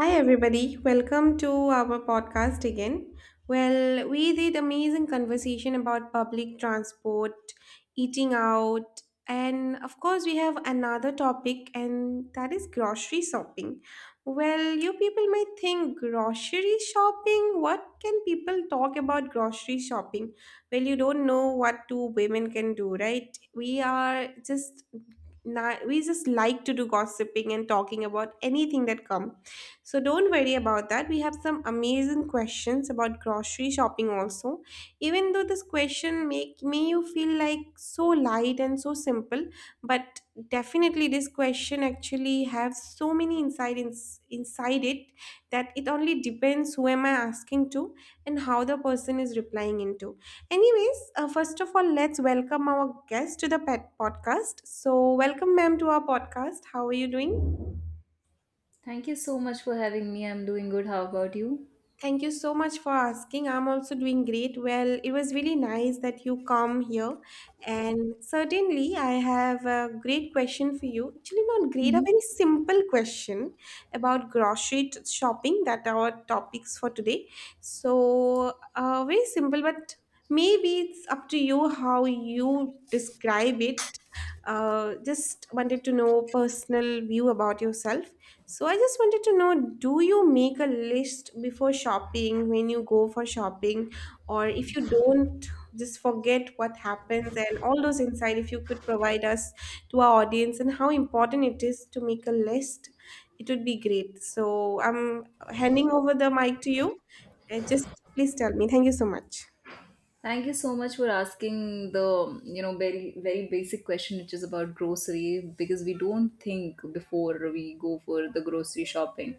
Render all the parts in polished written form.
Hi, everybody. Welcome to our podcast again. Well, we did amazing conversation about public transport, eating out, and of course, we have another topic, and that is grocery shopping. Well, you people might think grocery shopping. What can people talk about grocery shopping? Well, you don't know what two women can do, right? We are just. We just like to do gossiping and talking about anything that comes so don't worry about that. We have some amazing questions about grocery shopping also. Even though this question make may you feel like so light and so simple, but definitely this question actually have so many insight ins inside it, that it only depends who am I asking to and how the person is replying into. Anyways, first of all, let's welcome our guest to the pet podcast. So welcome ma'am to our podcast. How are you doing? Thank you so much for having me. I'm doing good. How about you? Thank you so much for asking. I'm also doing great. Well, it was really nice that you come here. And certainly, I have a great question for you. Actually, not great, a Mhm. very simple question about shopping that our topics for today. So, very simple, but maybe it's up to you how you describe it. Just wanted to know personal view about yourself. So I just wanted to know do you make a list before shopping when you go for shopping, or if you don't just forget what happens and all those insight if you could provide us to our audience and how important it is to make a list, it would be great. So I'm handing over the mic to you and just please tell me. Thank you so much. Thank you so much for asking the, you know, very basic question, which is about grocery, because we don't think before we go for the grocery shopping.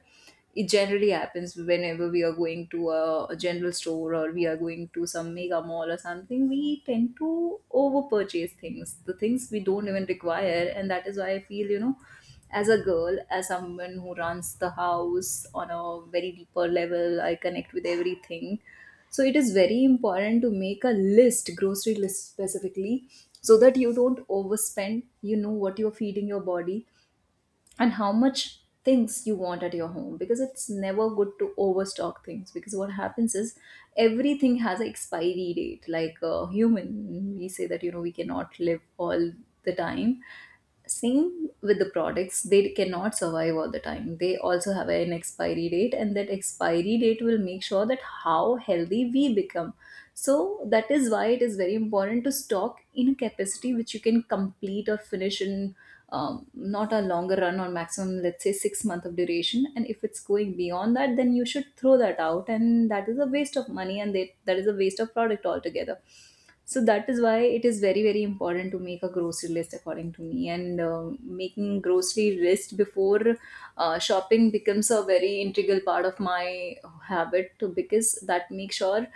It generally happens whenever we are going to a general store, or we are going to some mega mall or something, we tend to over purchase things, the things we don't even require, and that is why I feel, you know, as a girl, as someone who runs the house on a very deeper level, I connect with everything, so it is very important to make a list, grocery list specifically, so that you don't overspend, you know what you're feeding your body and how much things you want at your home, because it's never good to overstock things. Because what happens is everything has an expiry date. Like a human, we say that, you know, we cannot live all the time. Same with the products, they cannot survive all the time, they also have an expiry date, and that expiry date will make sure that how healthy we become. So that is why it is very important to stock in a capacity which you can complete or finish in not a longer run, or maximum, let's say, 6 month of duration, and if it's going beyond that, then you should throw that out, and that is a waste of money and that is a waste of product altogether. So that is why it is very important to make a grocery list according to me. And making grocery list before shopping becomes a very integral part of my habit too, because that makes sure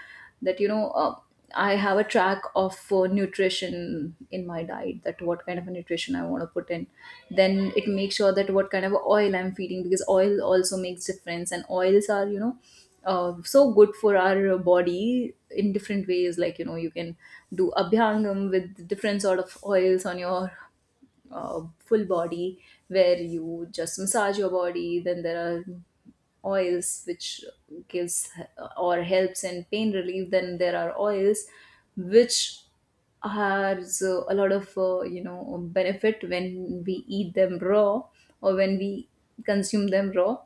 that, you know, I have a track of nutrition in my diet, that what kind of a nutrition I want to put in. Then it makes sure that what kind of oil I'm feeding, because oil also makes difference, and oils are, you know, so good for our body in different ways. Like, you know, you can do abhyangam with different sort of oils on your full body, where you just massage your body. Then there are oils which gives, or helps in pain relief. Then there are oils which has a lot of you know, benefit when we eat them raw or when we consume them raw.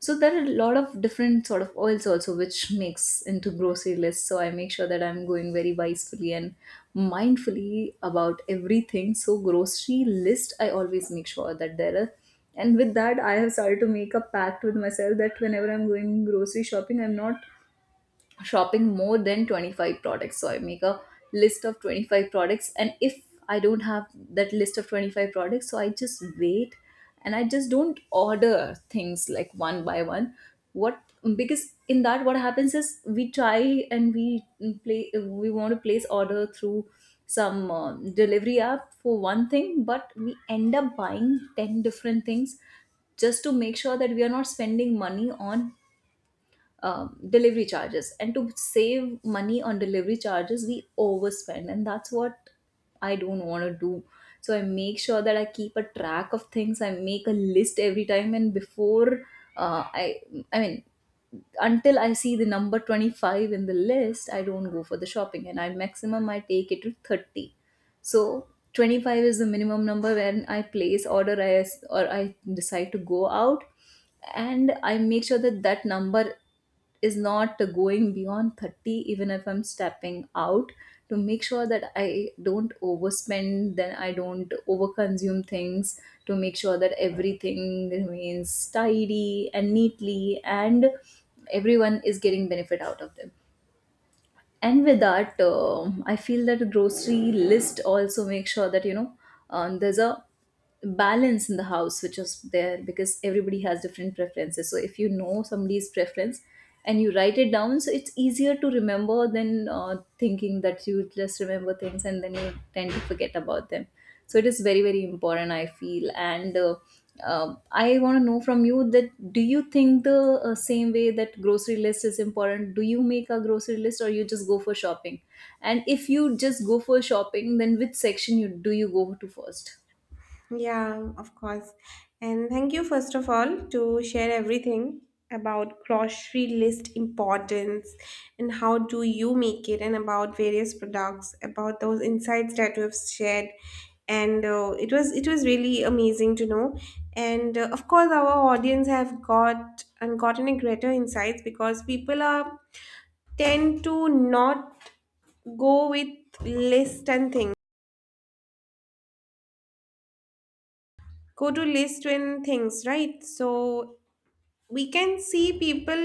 So there are a lot of different sort of oils also which makes into grocery list, so I make sure that I'm going very wisely and mindfully about everything. So grocery list, I always make sure that there are. And with that, I have started to make a pact with myself that whenever I'm going grocery shopping, I'm not shopping more than 25 products. So I make a list of 25 products, and if I don't have that list of 25 products, so I just wait, and I just don't order things like one by one. What? Because in that, what happens is we try and we play we want to place order through some delivery app for one thing, but we end up buying 10 different things just to make sure that we are not spending money on delivery charges. And to save money on delivery charges, we overspend. And that's what I don't want to do. So I make sure that I keep a track of things. I make a list every time. And before uh, I, I mean, until I see the number 25 in the list, I don't go for the shopping. And I maximum, I take it to 30. So 25 is the minimum number when I place order or I decide to go out, and I make sure that that number is not going beyond 30 even if I'm stepping out, to make sure that I don't overspend, then I don't overconsume things, to make sure that everything remains tidy and neatly and everyone is getting benefit out of them. And with that, I feel that a grocery list also makes sure that, you know, there's a balance in the house which is there, because everybody has different preferences. So if you know somebody's preference and you write it down, so it's easier to remember than thinking that you just remember things and then you tend to forget about them. So it is very important, I feel. And I want to know from you that do you think the same way, that grocery list is important? Do you make a grocery list, or you just go for shopping? And if you just go for shopping, then which section you do you go to first? Yeah, of course. And thank you, first of all, to share everything about grocery list importance and how do you make it and about various products, about those insights that you have shared. And uh, it was really amazing to know. And of course, our audience have got and gotten a greater insights because people are tend to not go with list, and things go to list when things, right? So we can see people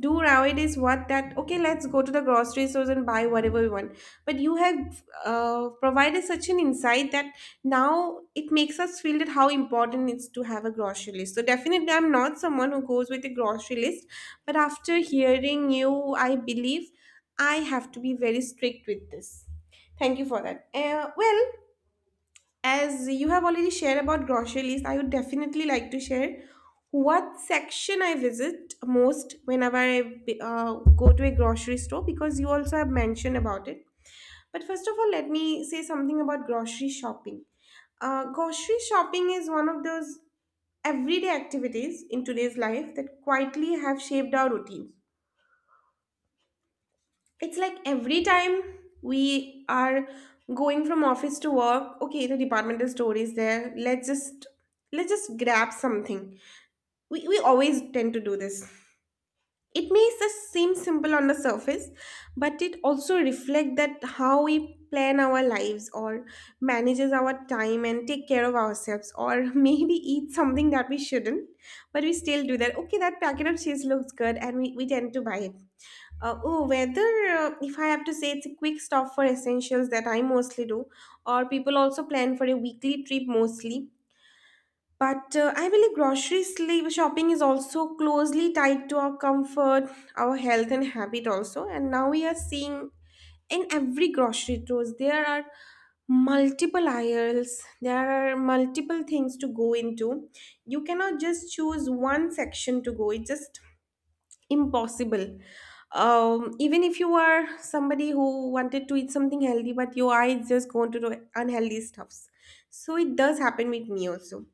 do nowadays what, that okay, let's go to the grocery stores and buy whatever we want, but you have provided such an insight that now it makes us feel that how important it's to have a grocery list. So definitely I'm not someone who goes with a grocery list, but after hearing you I believe I have to be very strict with this. Thank you for that. Well, as you have already shared about grocery list, I would definitely like to share what section I visit most whenever I go to a grocery store, because you also have mentioned about it. But first of all, let me say something about grocery shopping. Grocery shopping is one of those everyday activities in today's life that quietly have shaped our routines. It's like every time we are going from office to work, okay, the departmental store is there, let's just grab something. We always tend to do this. It may seem simple on the surface, but it also reflects that how we plan our lives or manages our time and take care of ourselves or maybe eat something that we shouldn't, but we still do that. Okay, that packet of cheese looks good and we tend to buy it. Oh, whether If I have to say, it's a quick stop for essentials that I mostly do, or people also plan for a weekly trip mostly. But I believe shopping is also closely tied to our comfort, our health, and habit also. And now we are seeing in every grocery stores there are multiple aisles, there are multiple things to go into. You cannot just choose one section to go. It just impossible. Even if you are somebody who wanted to eat something healthy, but your eyes just go into the unhealthy stuffs, so it does happen with me also.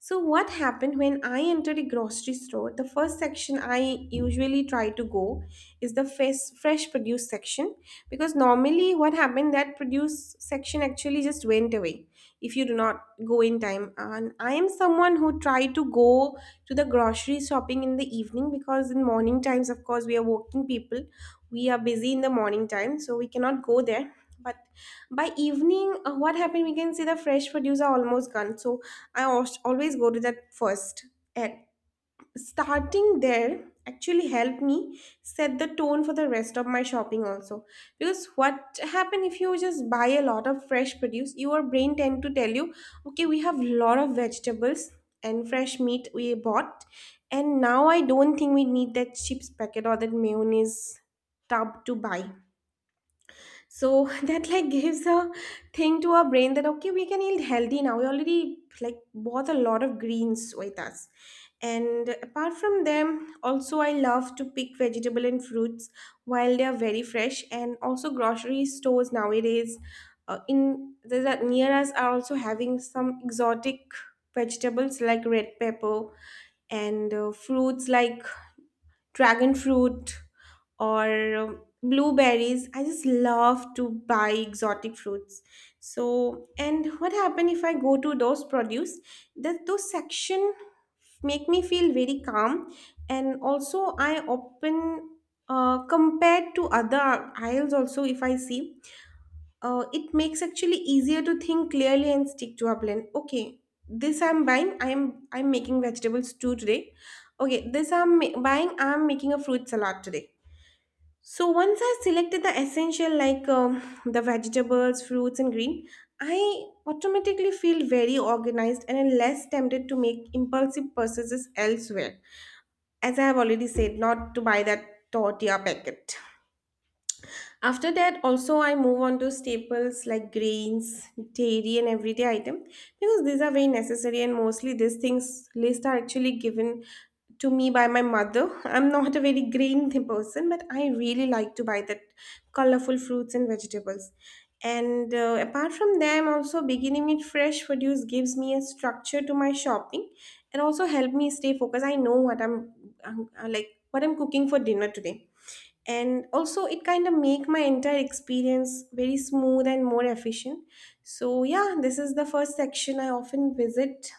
So what happened, when I entered a grocery store, the first section I usually try to go is the fresh produce section, because normally what happened that produce section actually just went away if you do not go in time. And I am someone who try to go to the grocery shopping in the evening, because in morning times of course we are working people, we are busy in the morning time, so we cannot go there. But by evening what happened, we can see the fresh produce are almost gone. So I always go to that first. At starting there actually helped me set the tone for the rest of my shopping also, because what happen, if you just buy a lot of fresh produce, your brain tend to tell you, okay, we have lot of vegetables and fresh meat we bought, and now I don't think we need that chips packet or that mayonnaise tub to buy. So that like gives a thing to our brain that okay, we can eat healthy now, we already like bought a lot of greens with us. And apart from them also, I love to pick vegetable and fruits while they are very fresh. And also grocery stores nowadays, in the that near us are also having some exotic vegetables like red pepper and fruits like dragon fruit or blueberries. I just love to buy exotic fruits. So, and what happen if I go to those produce? That those section make me feel very calm, and also I open compared to other aisles also if I see, it makes actually easier to think clearly and stick to a plan. Okay, this I'm buying, I'm making vegetable stew today. Okay, this I'm buying, I'm making a fruit salad today. So once I selected the essential like the vegetables, fruits and green, I automatically feel very organized and am less tempted to make impulsive purchases elsewhere, as I have already said not to buy that tortilla packet. After that, also I move on to staples like grains, dairy, and everyday item, because these are very necessary and mostly these things list are actually given to me by my mother. I'm not a very grain person, but I really like to buy that colorful fruits and vegetables. And apart from them, also beginning with fresh produce gives me a structure to my shopping and also help me stay focused. I know what I'm like what I'm cooking for dinner today, and also it kind of make my entire experience very smooth and more efficient. So yeah, this is the first section I often visit.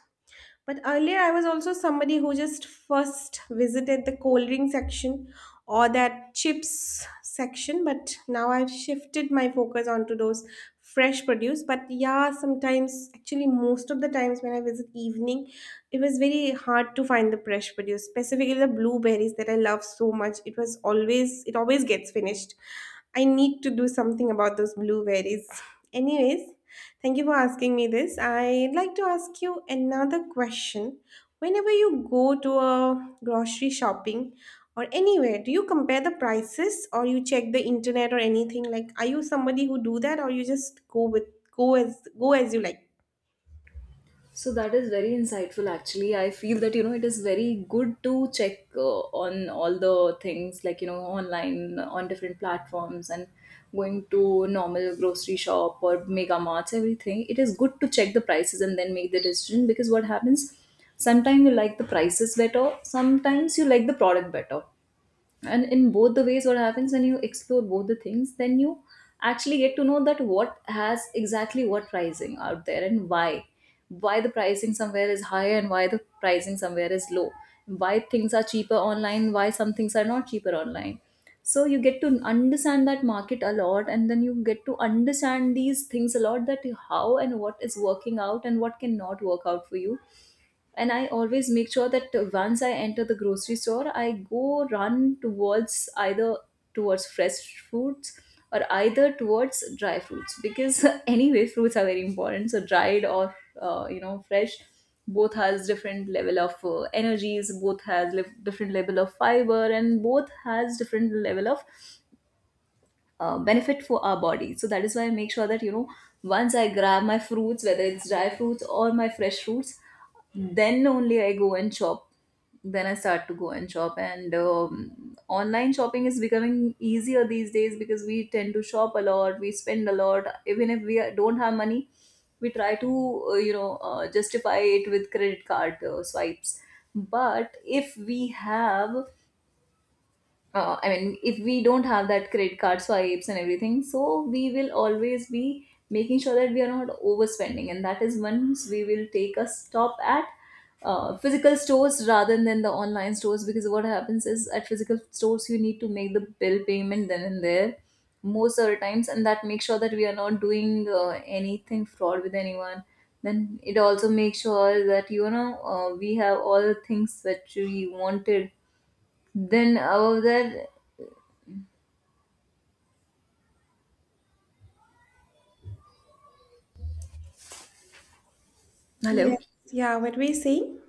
But earlier, I was also somebody who just first visited the cold drink section or that chips section. But now I've shifted my focus onto those fresh produce. But yeah, sometimes, actually, most of the times when I visit evening, it was very hard to find the fresh produce, specifically the blueberries that I love so much. It always gets finished. I need to do something about those blueberries. Anyways, thank you for asking me this. I'd like to ask you another question. Whenever you go to a grocery shopping or anywhere, do you compare the prices or you check the internet or anything? Like, are you somebody who do that or you just go with go as you like? So that is very insightful actually. I feel that, you know, it is very good to check on all the things, like, you know, online on different platforms, and going to normal grocery shop or mega marts, everything. It is good to check the prices and then make the decision, because what happens, sometimes you like the prices better, sometimes you like the product better, and in both the ways, what happens when you explore both the things, then you actually get to know that what has exactly what pricing out there, and why the pricing somewhere is higher and why the pricing somewhere is low, why things are cheaper online, why some things are not cheaper online. So you get to understand that market a lot, and then you get to understand these things a lot, that how and what is working out and what cannot work out for you. And I always make sure that once I enter the grocery store, I go run towards either towards fresh fruits or either towards dry fruits, because anyway fruits are very important. So dried or, you know, fresh, both has different level of energies, both has different level of fiber, and both has different level of benefit for our body. So that is why I make sure that, you know, once I grab my fruits, whether it's dry fruits or my fresh fruits, then only I go and shop, then I start to go and shop. And online shopping is becoming easier these days, because we tend to shop a lot, we spend a lot, even if we don't have money. We try to you know, justify it with credit card swipes. But if we have if we don't have that credit card swipes and everything, so we will always be making sure that we are not overspending, and that is, once we will take a stop at physical stores rather than the online stores, because what happens is at physical stores you need to make the bill payment then and there most of the times, and that makes sure that we are not doing anything fraud with anyone. Then it also makes sure that, you know, we have all the things that we wanted. Then above that, hello. Yes. Yeah, what were you saying?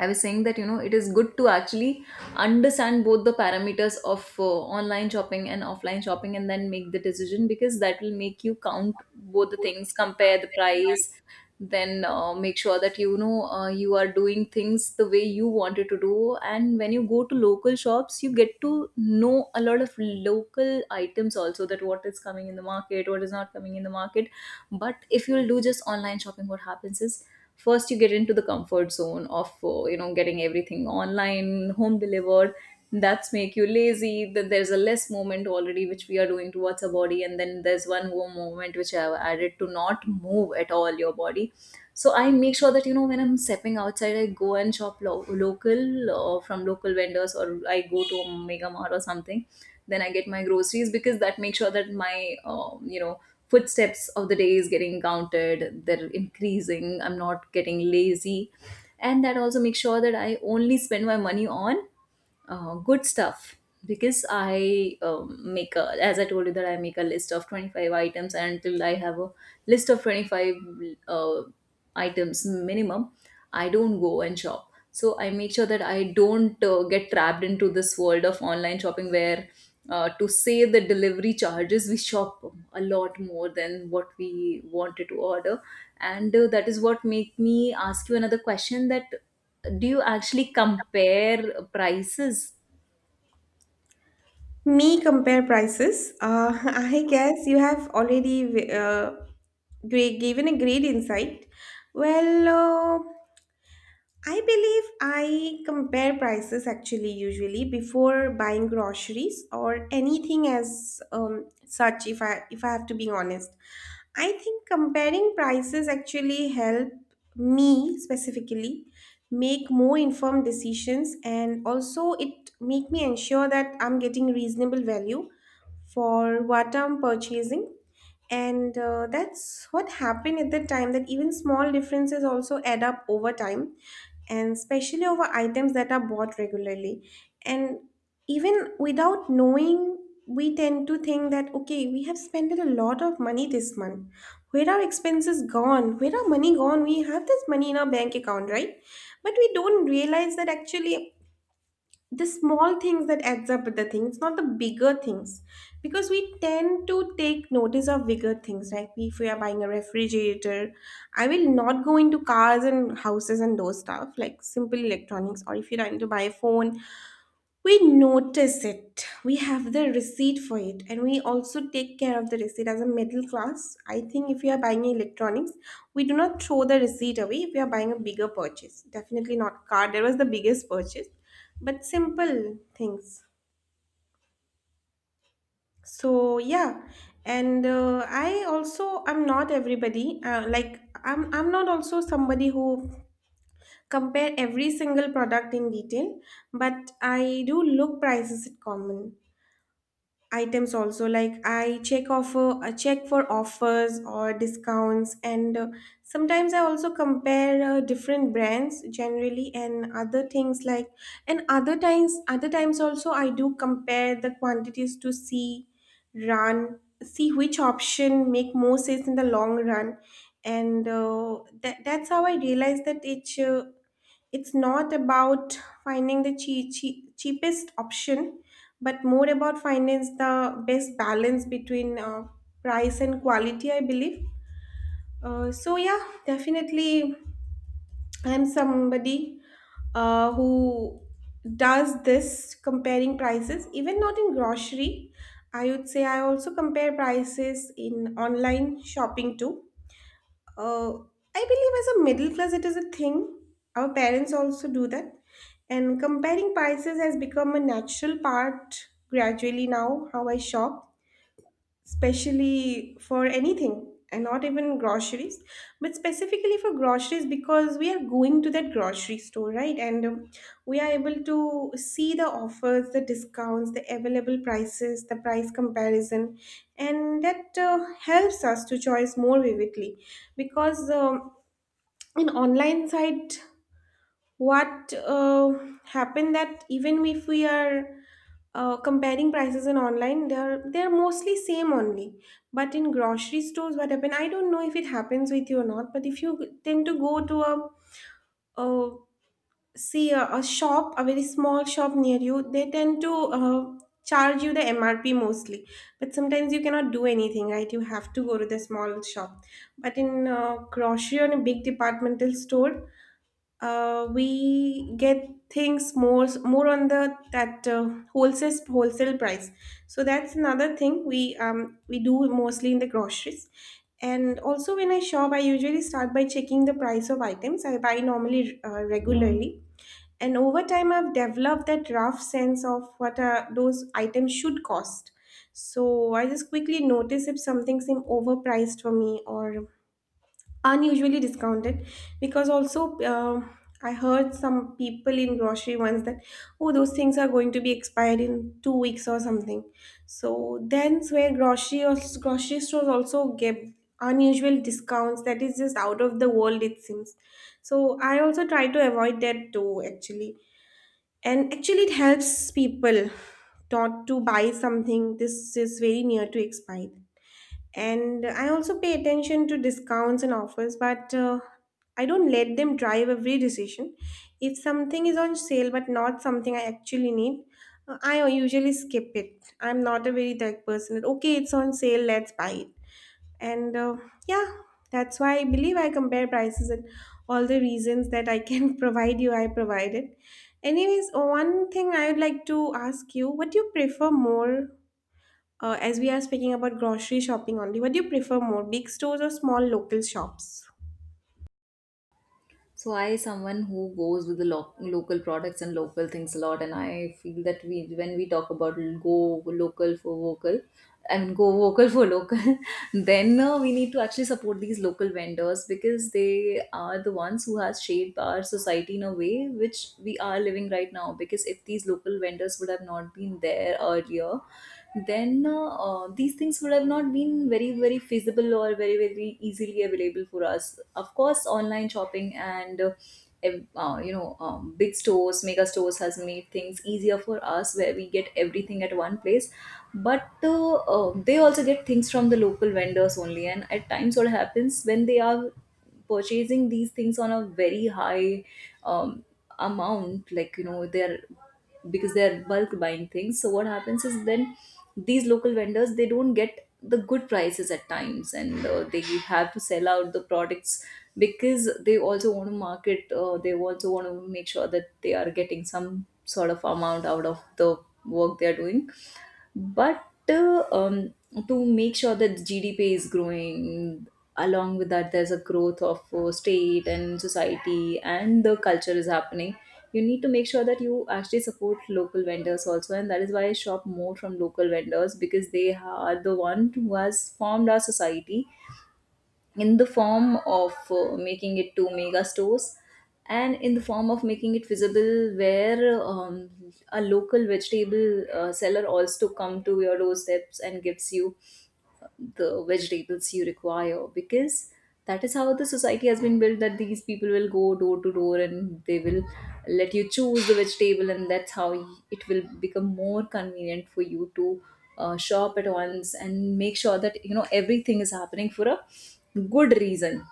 I was saying that, you know, it is good to actually understand both the parameters of online shopping and offline shopping, and then make the decision, because that will make you count both the things, compare the price, then make sure that, you know, you are doing things the way you wanted to do. And when you go to local shops, you get to know a lot of local items also, that what is coming in the market, what is not coming in the market. But if you'll do just online shopping, what happens is, first you get into the comfort zone of you know, getting everything online home delivered. That's make you lazy, that there's a less moment already which we are doing towards our body, and then there's one more moment which I have added to not move at all your body. So I make sure that, you know, when I'm stepping outside, I go and shop local or from local vendors, or I go to a mega mart or something, then I get my groceries. Because that makes sure that my, you know, footsteps of the day is getting counted, they're increasing, I'm not getting lazy. And that also makes sure that I only spend my money on good stuff. Because I, make a, as I told you that I make a list of 25 items, and until I have a list of 25 uh, items minimum, I don't go and shop. So I make sure that I don't get trapped into this world of online shopping where, to save the delivery charges, we shop a lot more than what we wanted to order. And that is what make me ask you another question, that do you actually compare prices? Me compare prices. I guess you have already given a great insight. Well, I believe I compare prices actually usually before buying groceries or anything as such, if I have to be honest. I think comparing prices actually help me specifically make more informed decisions, and also it make me ensure that I'm getting reasonable value for what I'm purchasing. And that's what happened at the time, that even small differences also add up over time, and especially over items that are bought regularly. And even without knowing, we tend to think that, okay, we have spent a lot of money this month. Where are expenses gone? Where are money gone? We have this money in our bank account, right? But we don't realize that actually the small things that adds up with the thing, it's not the bigger things, because we tend to take notice of bigger things, right? If we are buying a refrigerator, I will not go into cars and houses and those stuff like simple electronics, or if you're trying to buy a phone, we notice it. We have the receipt for it, and we also take care of the receipt as a middle class. I think if we are buying electronics, we do not throw the receipt away if we are buying a bigger purchase. Definitely not car. That was the biggest purchase, but simple things. So yeah, and I also I'm not everybody. Like I'm not also somebody who compare every single product in detail, but I do look prices at common items also. Like I check for offers or discounts, and sometimes I also compare different brands generally and other things like. And other times also I do compare the quantities to see run see which option make more sense in the long run. And That's how I realized that each it's not about finding the cheapest option, but more about finding the best balance between price and quality, I believe. Definitely, I'm somebody who does this comparing prices even not in grocery. I would say I also compare prices in online shopping too. uh, I believe as a middle class, it is a thing. Our parents also do that. And comparing prices has become a natural part gradually now, how I shop, especially for anything and not even groceries, but specifically for groceries, because we are going to that grocery store, right? And we are able to see the offers, the discounts, the available prices, the price comparison, and that helps us to choose more vividly. Because in online site, what happened that even if we are comparing prices in online, they're mostly same only. But in grocery stores, what happen, I don't know if it happens with you or not, but if you tend to go to a uh, see a shop, a very small shop near you, they tend to charge you the mrp mostly. But sometimes you cannot do anything, right? You have to go to the small shop. But in grocery or in a big departmental store, we get things more on the that wholesale price. So that's another thing we do mostly in the groceries. And also when I shop, I usually start by checking the price of items I buy normally, regularly, and over time I've developed that rough sense of what those items should cost. So I just quickly notice if something seems overpriced for me or unusually discounted. Because also I heard some people in grocery once that, oh, those things are going to be expired in 2 weeks or something. So then where grocery or grocery stores also give unusual discounts that is just out of the world, it seems. So I also try to avoid that too actually. And actually it helps people not to buy something this is very near to expire. And I also pay attention to discounts and offers, but I don't let them drive every decision. If something is on sale but not something I actually need, I usually skip it. I'm not a very tech person. Okay, it's on sale, let's buy it. And uh, yeah, that's why I believe I compare prices and all the reasons that I can provide you, I provided. Anyways, one thing I would like to ask you, what do you prefer more, as we are speaking about grocery shopping only, what do you prefer more, big stores or small local shops? So I someone who goes with the local products and local things a lot, and I feel that we when we talk about go local for vocal, I mean go vocal for local, Then we need to actually support these local vendors because they are the ones who has shaped our society in a way which we are living right now. Because if these local vendors would have not been there earlier, then these things would have not been very very feasible or very very easily available for us. Of course online shopping and big stores, mega stores has made things easier for us where we get everything at one place, but they also get things from the local vendors only. And at times what happens when they are purchasing these things on a very high um, amount, like you know they're, because they're bulk buying things, so what happens is then these local vendors they don't get the good prices at times, and they have to sell out the products because they also want to market, they also want to make sure that they are getting some sort of amount out of the work they are doing. But to make sure that GDP is growing, along with that, there's a growth of state and society, and the culture is happening. You need to make sure that you actually support local vendors also, and that is why I shop more from local vendors because they are the one who has formed our society in the form of making it to mega stores, and in the form of making it visible where a local vegetable seller also come to your doorsteps and gives you the vegetables you require. Because that is how the society has been built, that these people will go door to door and they will let you choose the vegetable, and that's how it will become more convenient for you to shop at once and make sure that you know everything is happening for a good reason.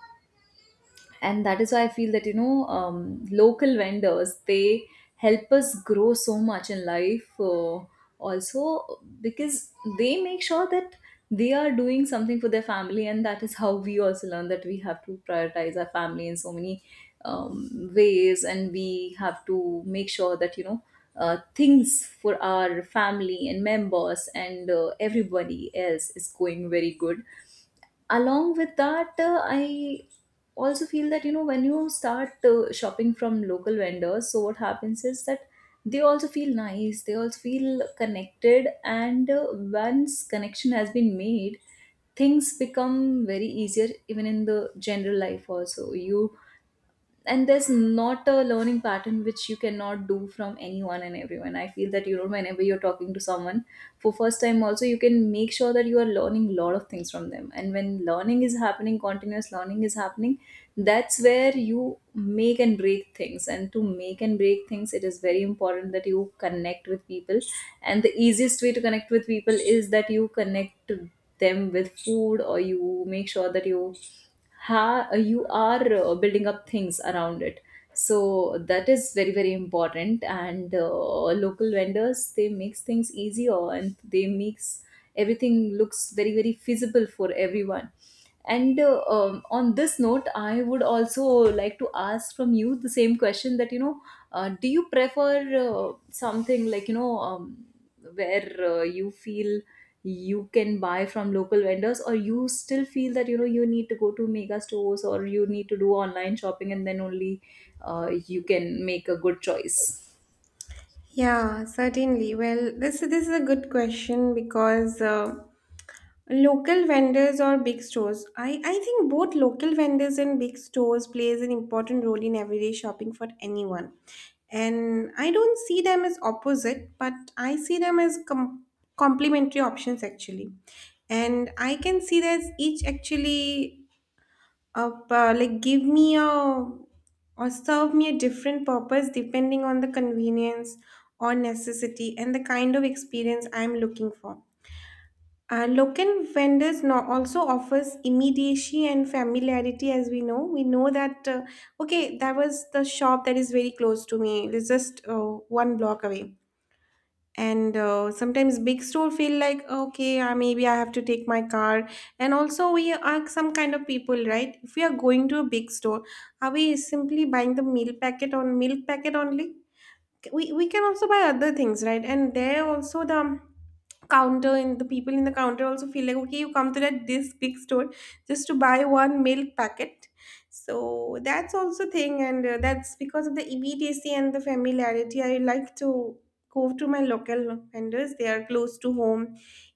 And that is why I feel that you know, local vendors, they help us grow so much in life, also because they make sure that they are doing something for their family, and that is how we also learn that we have to prioritize our family in so many ways. And we have to make sure that you know, things for our family and members and everybody else is going very good. Along with that, I also feel that you know, when you start shopping from local vendors, so what happens is that they also feel nice, they also feel connected, and once connection has been made, things become very easier. Even in the general life also you, and there's not a learning pattern which you cannot do from anyone and everyone. I feel that you know, whenever you're talking to someone for first time also, you can make sure that you are learning a lot of things from them, and when learning is happening, continuous learning is happening, that's where you make and break things. And to make and break things, it is very important that you connect with people, and the easiest way to connect with people is that you connect to them with food, or you make sure that you you are building up things around it. So that is very very important, and local vendors, they makes things easier and they makes everything looks very very feasible for everyone. And on this note, I would also like to ask from you the same question that, you know, do you prefer something like, you know, where you feel you can buy from local vendors, or you still feel that, you know, you need to go to mega stores or you need to do online shopping, and then only you can make a good choice? Yeah, certainly. Well, this is a good question, because local vendors or big stores. I think both local vendors and big stores plays an important role in everyday shopping for anyone. And I don't see them as opposite, but I see them as complementary options actually. And I can see that each actually up like give me a or serve me a different purpose depending on the convenience or necessity and the kind of experience I'm looking for. Local vendors now also offers immediacy and familiarity. As we know, we know that okay, that was the shop that is very close to me. It's just one block away. And sometimes big store feel like, okay, maybe I have to take my car. And also we are some kind of people, right? If we are going to a big store, are we simply buying the meal packet on milk packet only? We can also buy other things, right? And there also the counter and the people in the counter also feel like, okay, you come to that this big store just to buy one milk packet. So that's also thing. And that's because of the immediacy and the familiarity, I like to go to my local vendors. They are close to home,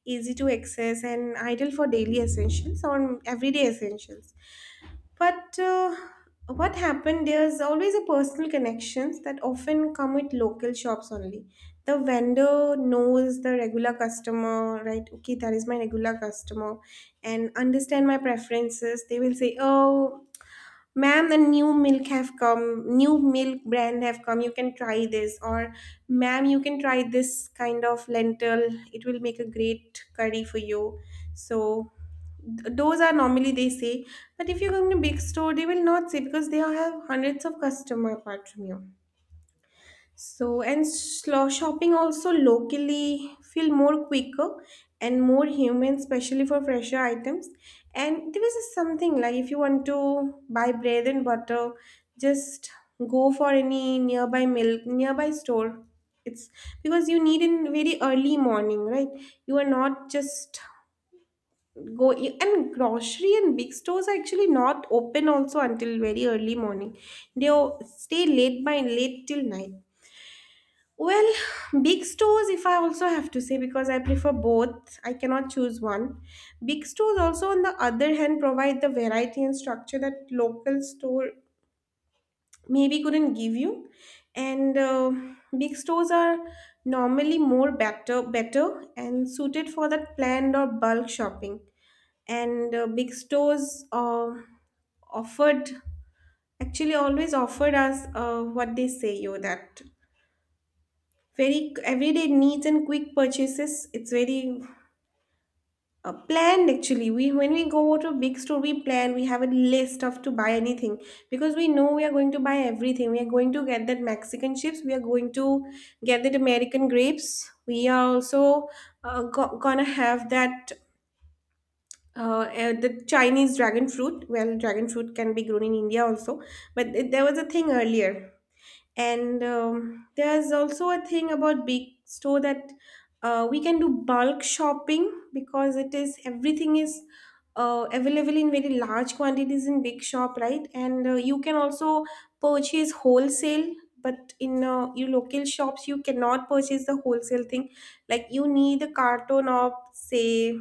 easy to access, and ideal for daily essentials or everyday essentials. But what happened, there's always a personal connections that often come with local shops only. The vendor knows the regular customer, right? Okay, that is my regular customer, and understand my preferences. They will say, "Oh, ma'am, a new milk have come, new milk brand have come. You can try this, or ma'am, you can try this kind of lentil. It will make a great curry for you." So those are normally they say. But if you come to big store, they will not say, because they have hundreds of customer apart from you. So, and shopping also locally feel more quicker and more human, especially for fresher items. And there is just something like if you want to buy bread and butter, just go for any nearby milk, nearby store. It's because you need in very early morning, right? You are not just go and grocery, and big stores are actually not open also until very early morning. They stay late by late till night. Well, big stores, if I also have to say, because I prefer both, I cannot choose one. Big stores, also, on the other hand, provide the variety and structure that local store maybe couldn't give you. And big stores are normally better and suited for that planned or bulk shopping. And big stores offered actually always offered us what they say you that very everyday needs and quick purchases. It's very planned actually. We when we go to a big store, we plan. We have a list of to buy anything, because we know we are going to buy everything. We are going to get that Mexican chips. We are going to get that American grapes. We are also gonna have that. The Chinese dragon fruit. Well, dragon fruit can be grown in India also, but there was a thing earlier. And there's also a thing about big store that we can do bulk shopping because it is everything is available in very large quantities in big shop, right? And you can also purchase wholesale, but in your local shops you cannot purchase the wholesale thing. Like you need a carton of say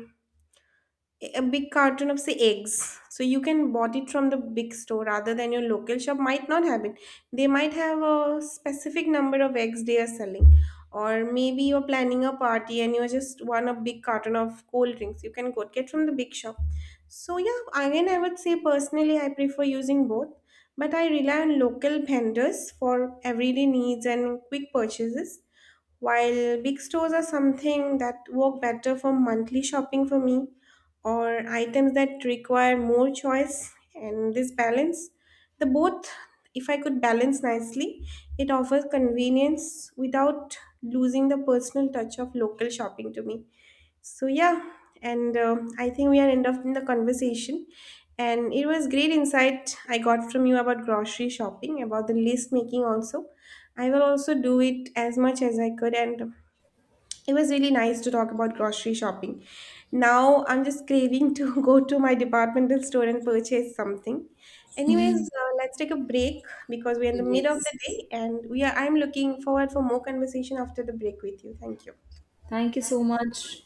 a big carton of say eggs, so you can bought it from the big store, rather than your local shop might not have it. They might have a specific number of eggs they are selling. Or maybe you're planning a party and you just want a big carton of cold drinks, you can go get from the big shop. So yeah, again, I would say personally I prefer using both, but I rely on local vendors for everyday needs and quick purchases, while big stores are something that work better for monthly shopping for me, or items that require more choice. And this balance, the both, if I could balance nicely, it offers convenience without losing the personal touch of local shopping to me. So yeah, and I think we are end up in the conversation. And it was great insight I got from you about grocery shopping, about the list making also. I will also do it as much as I could, and it was really nice to talk about grocery shopping. Now I'm just craving to go to my departmental store and purchase something. Anyways, Mm. Let's take a break because we're in the mid of Yes. the day, and we are. I'm looking forward for more conversation after the break with you. Thank you. Thank you so much.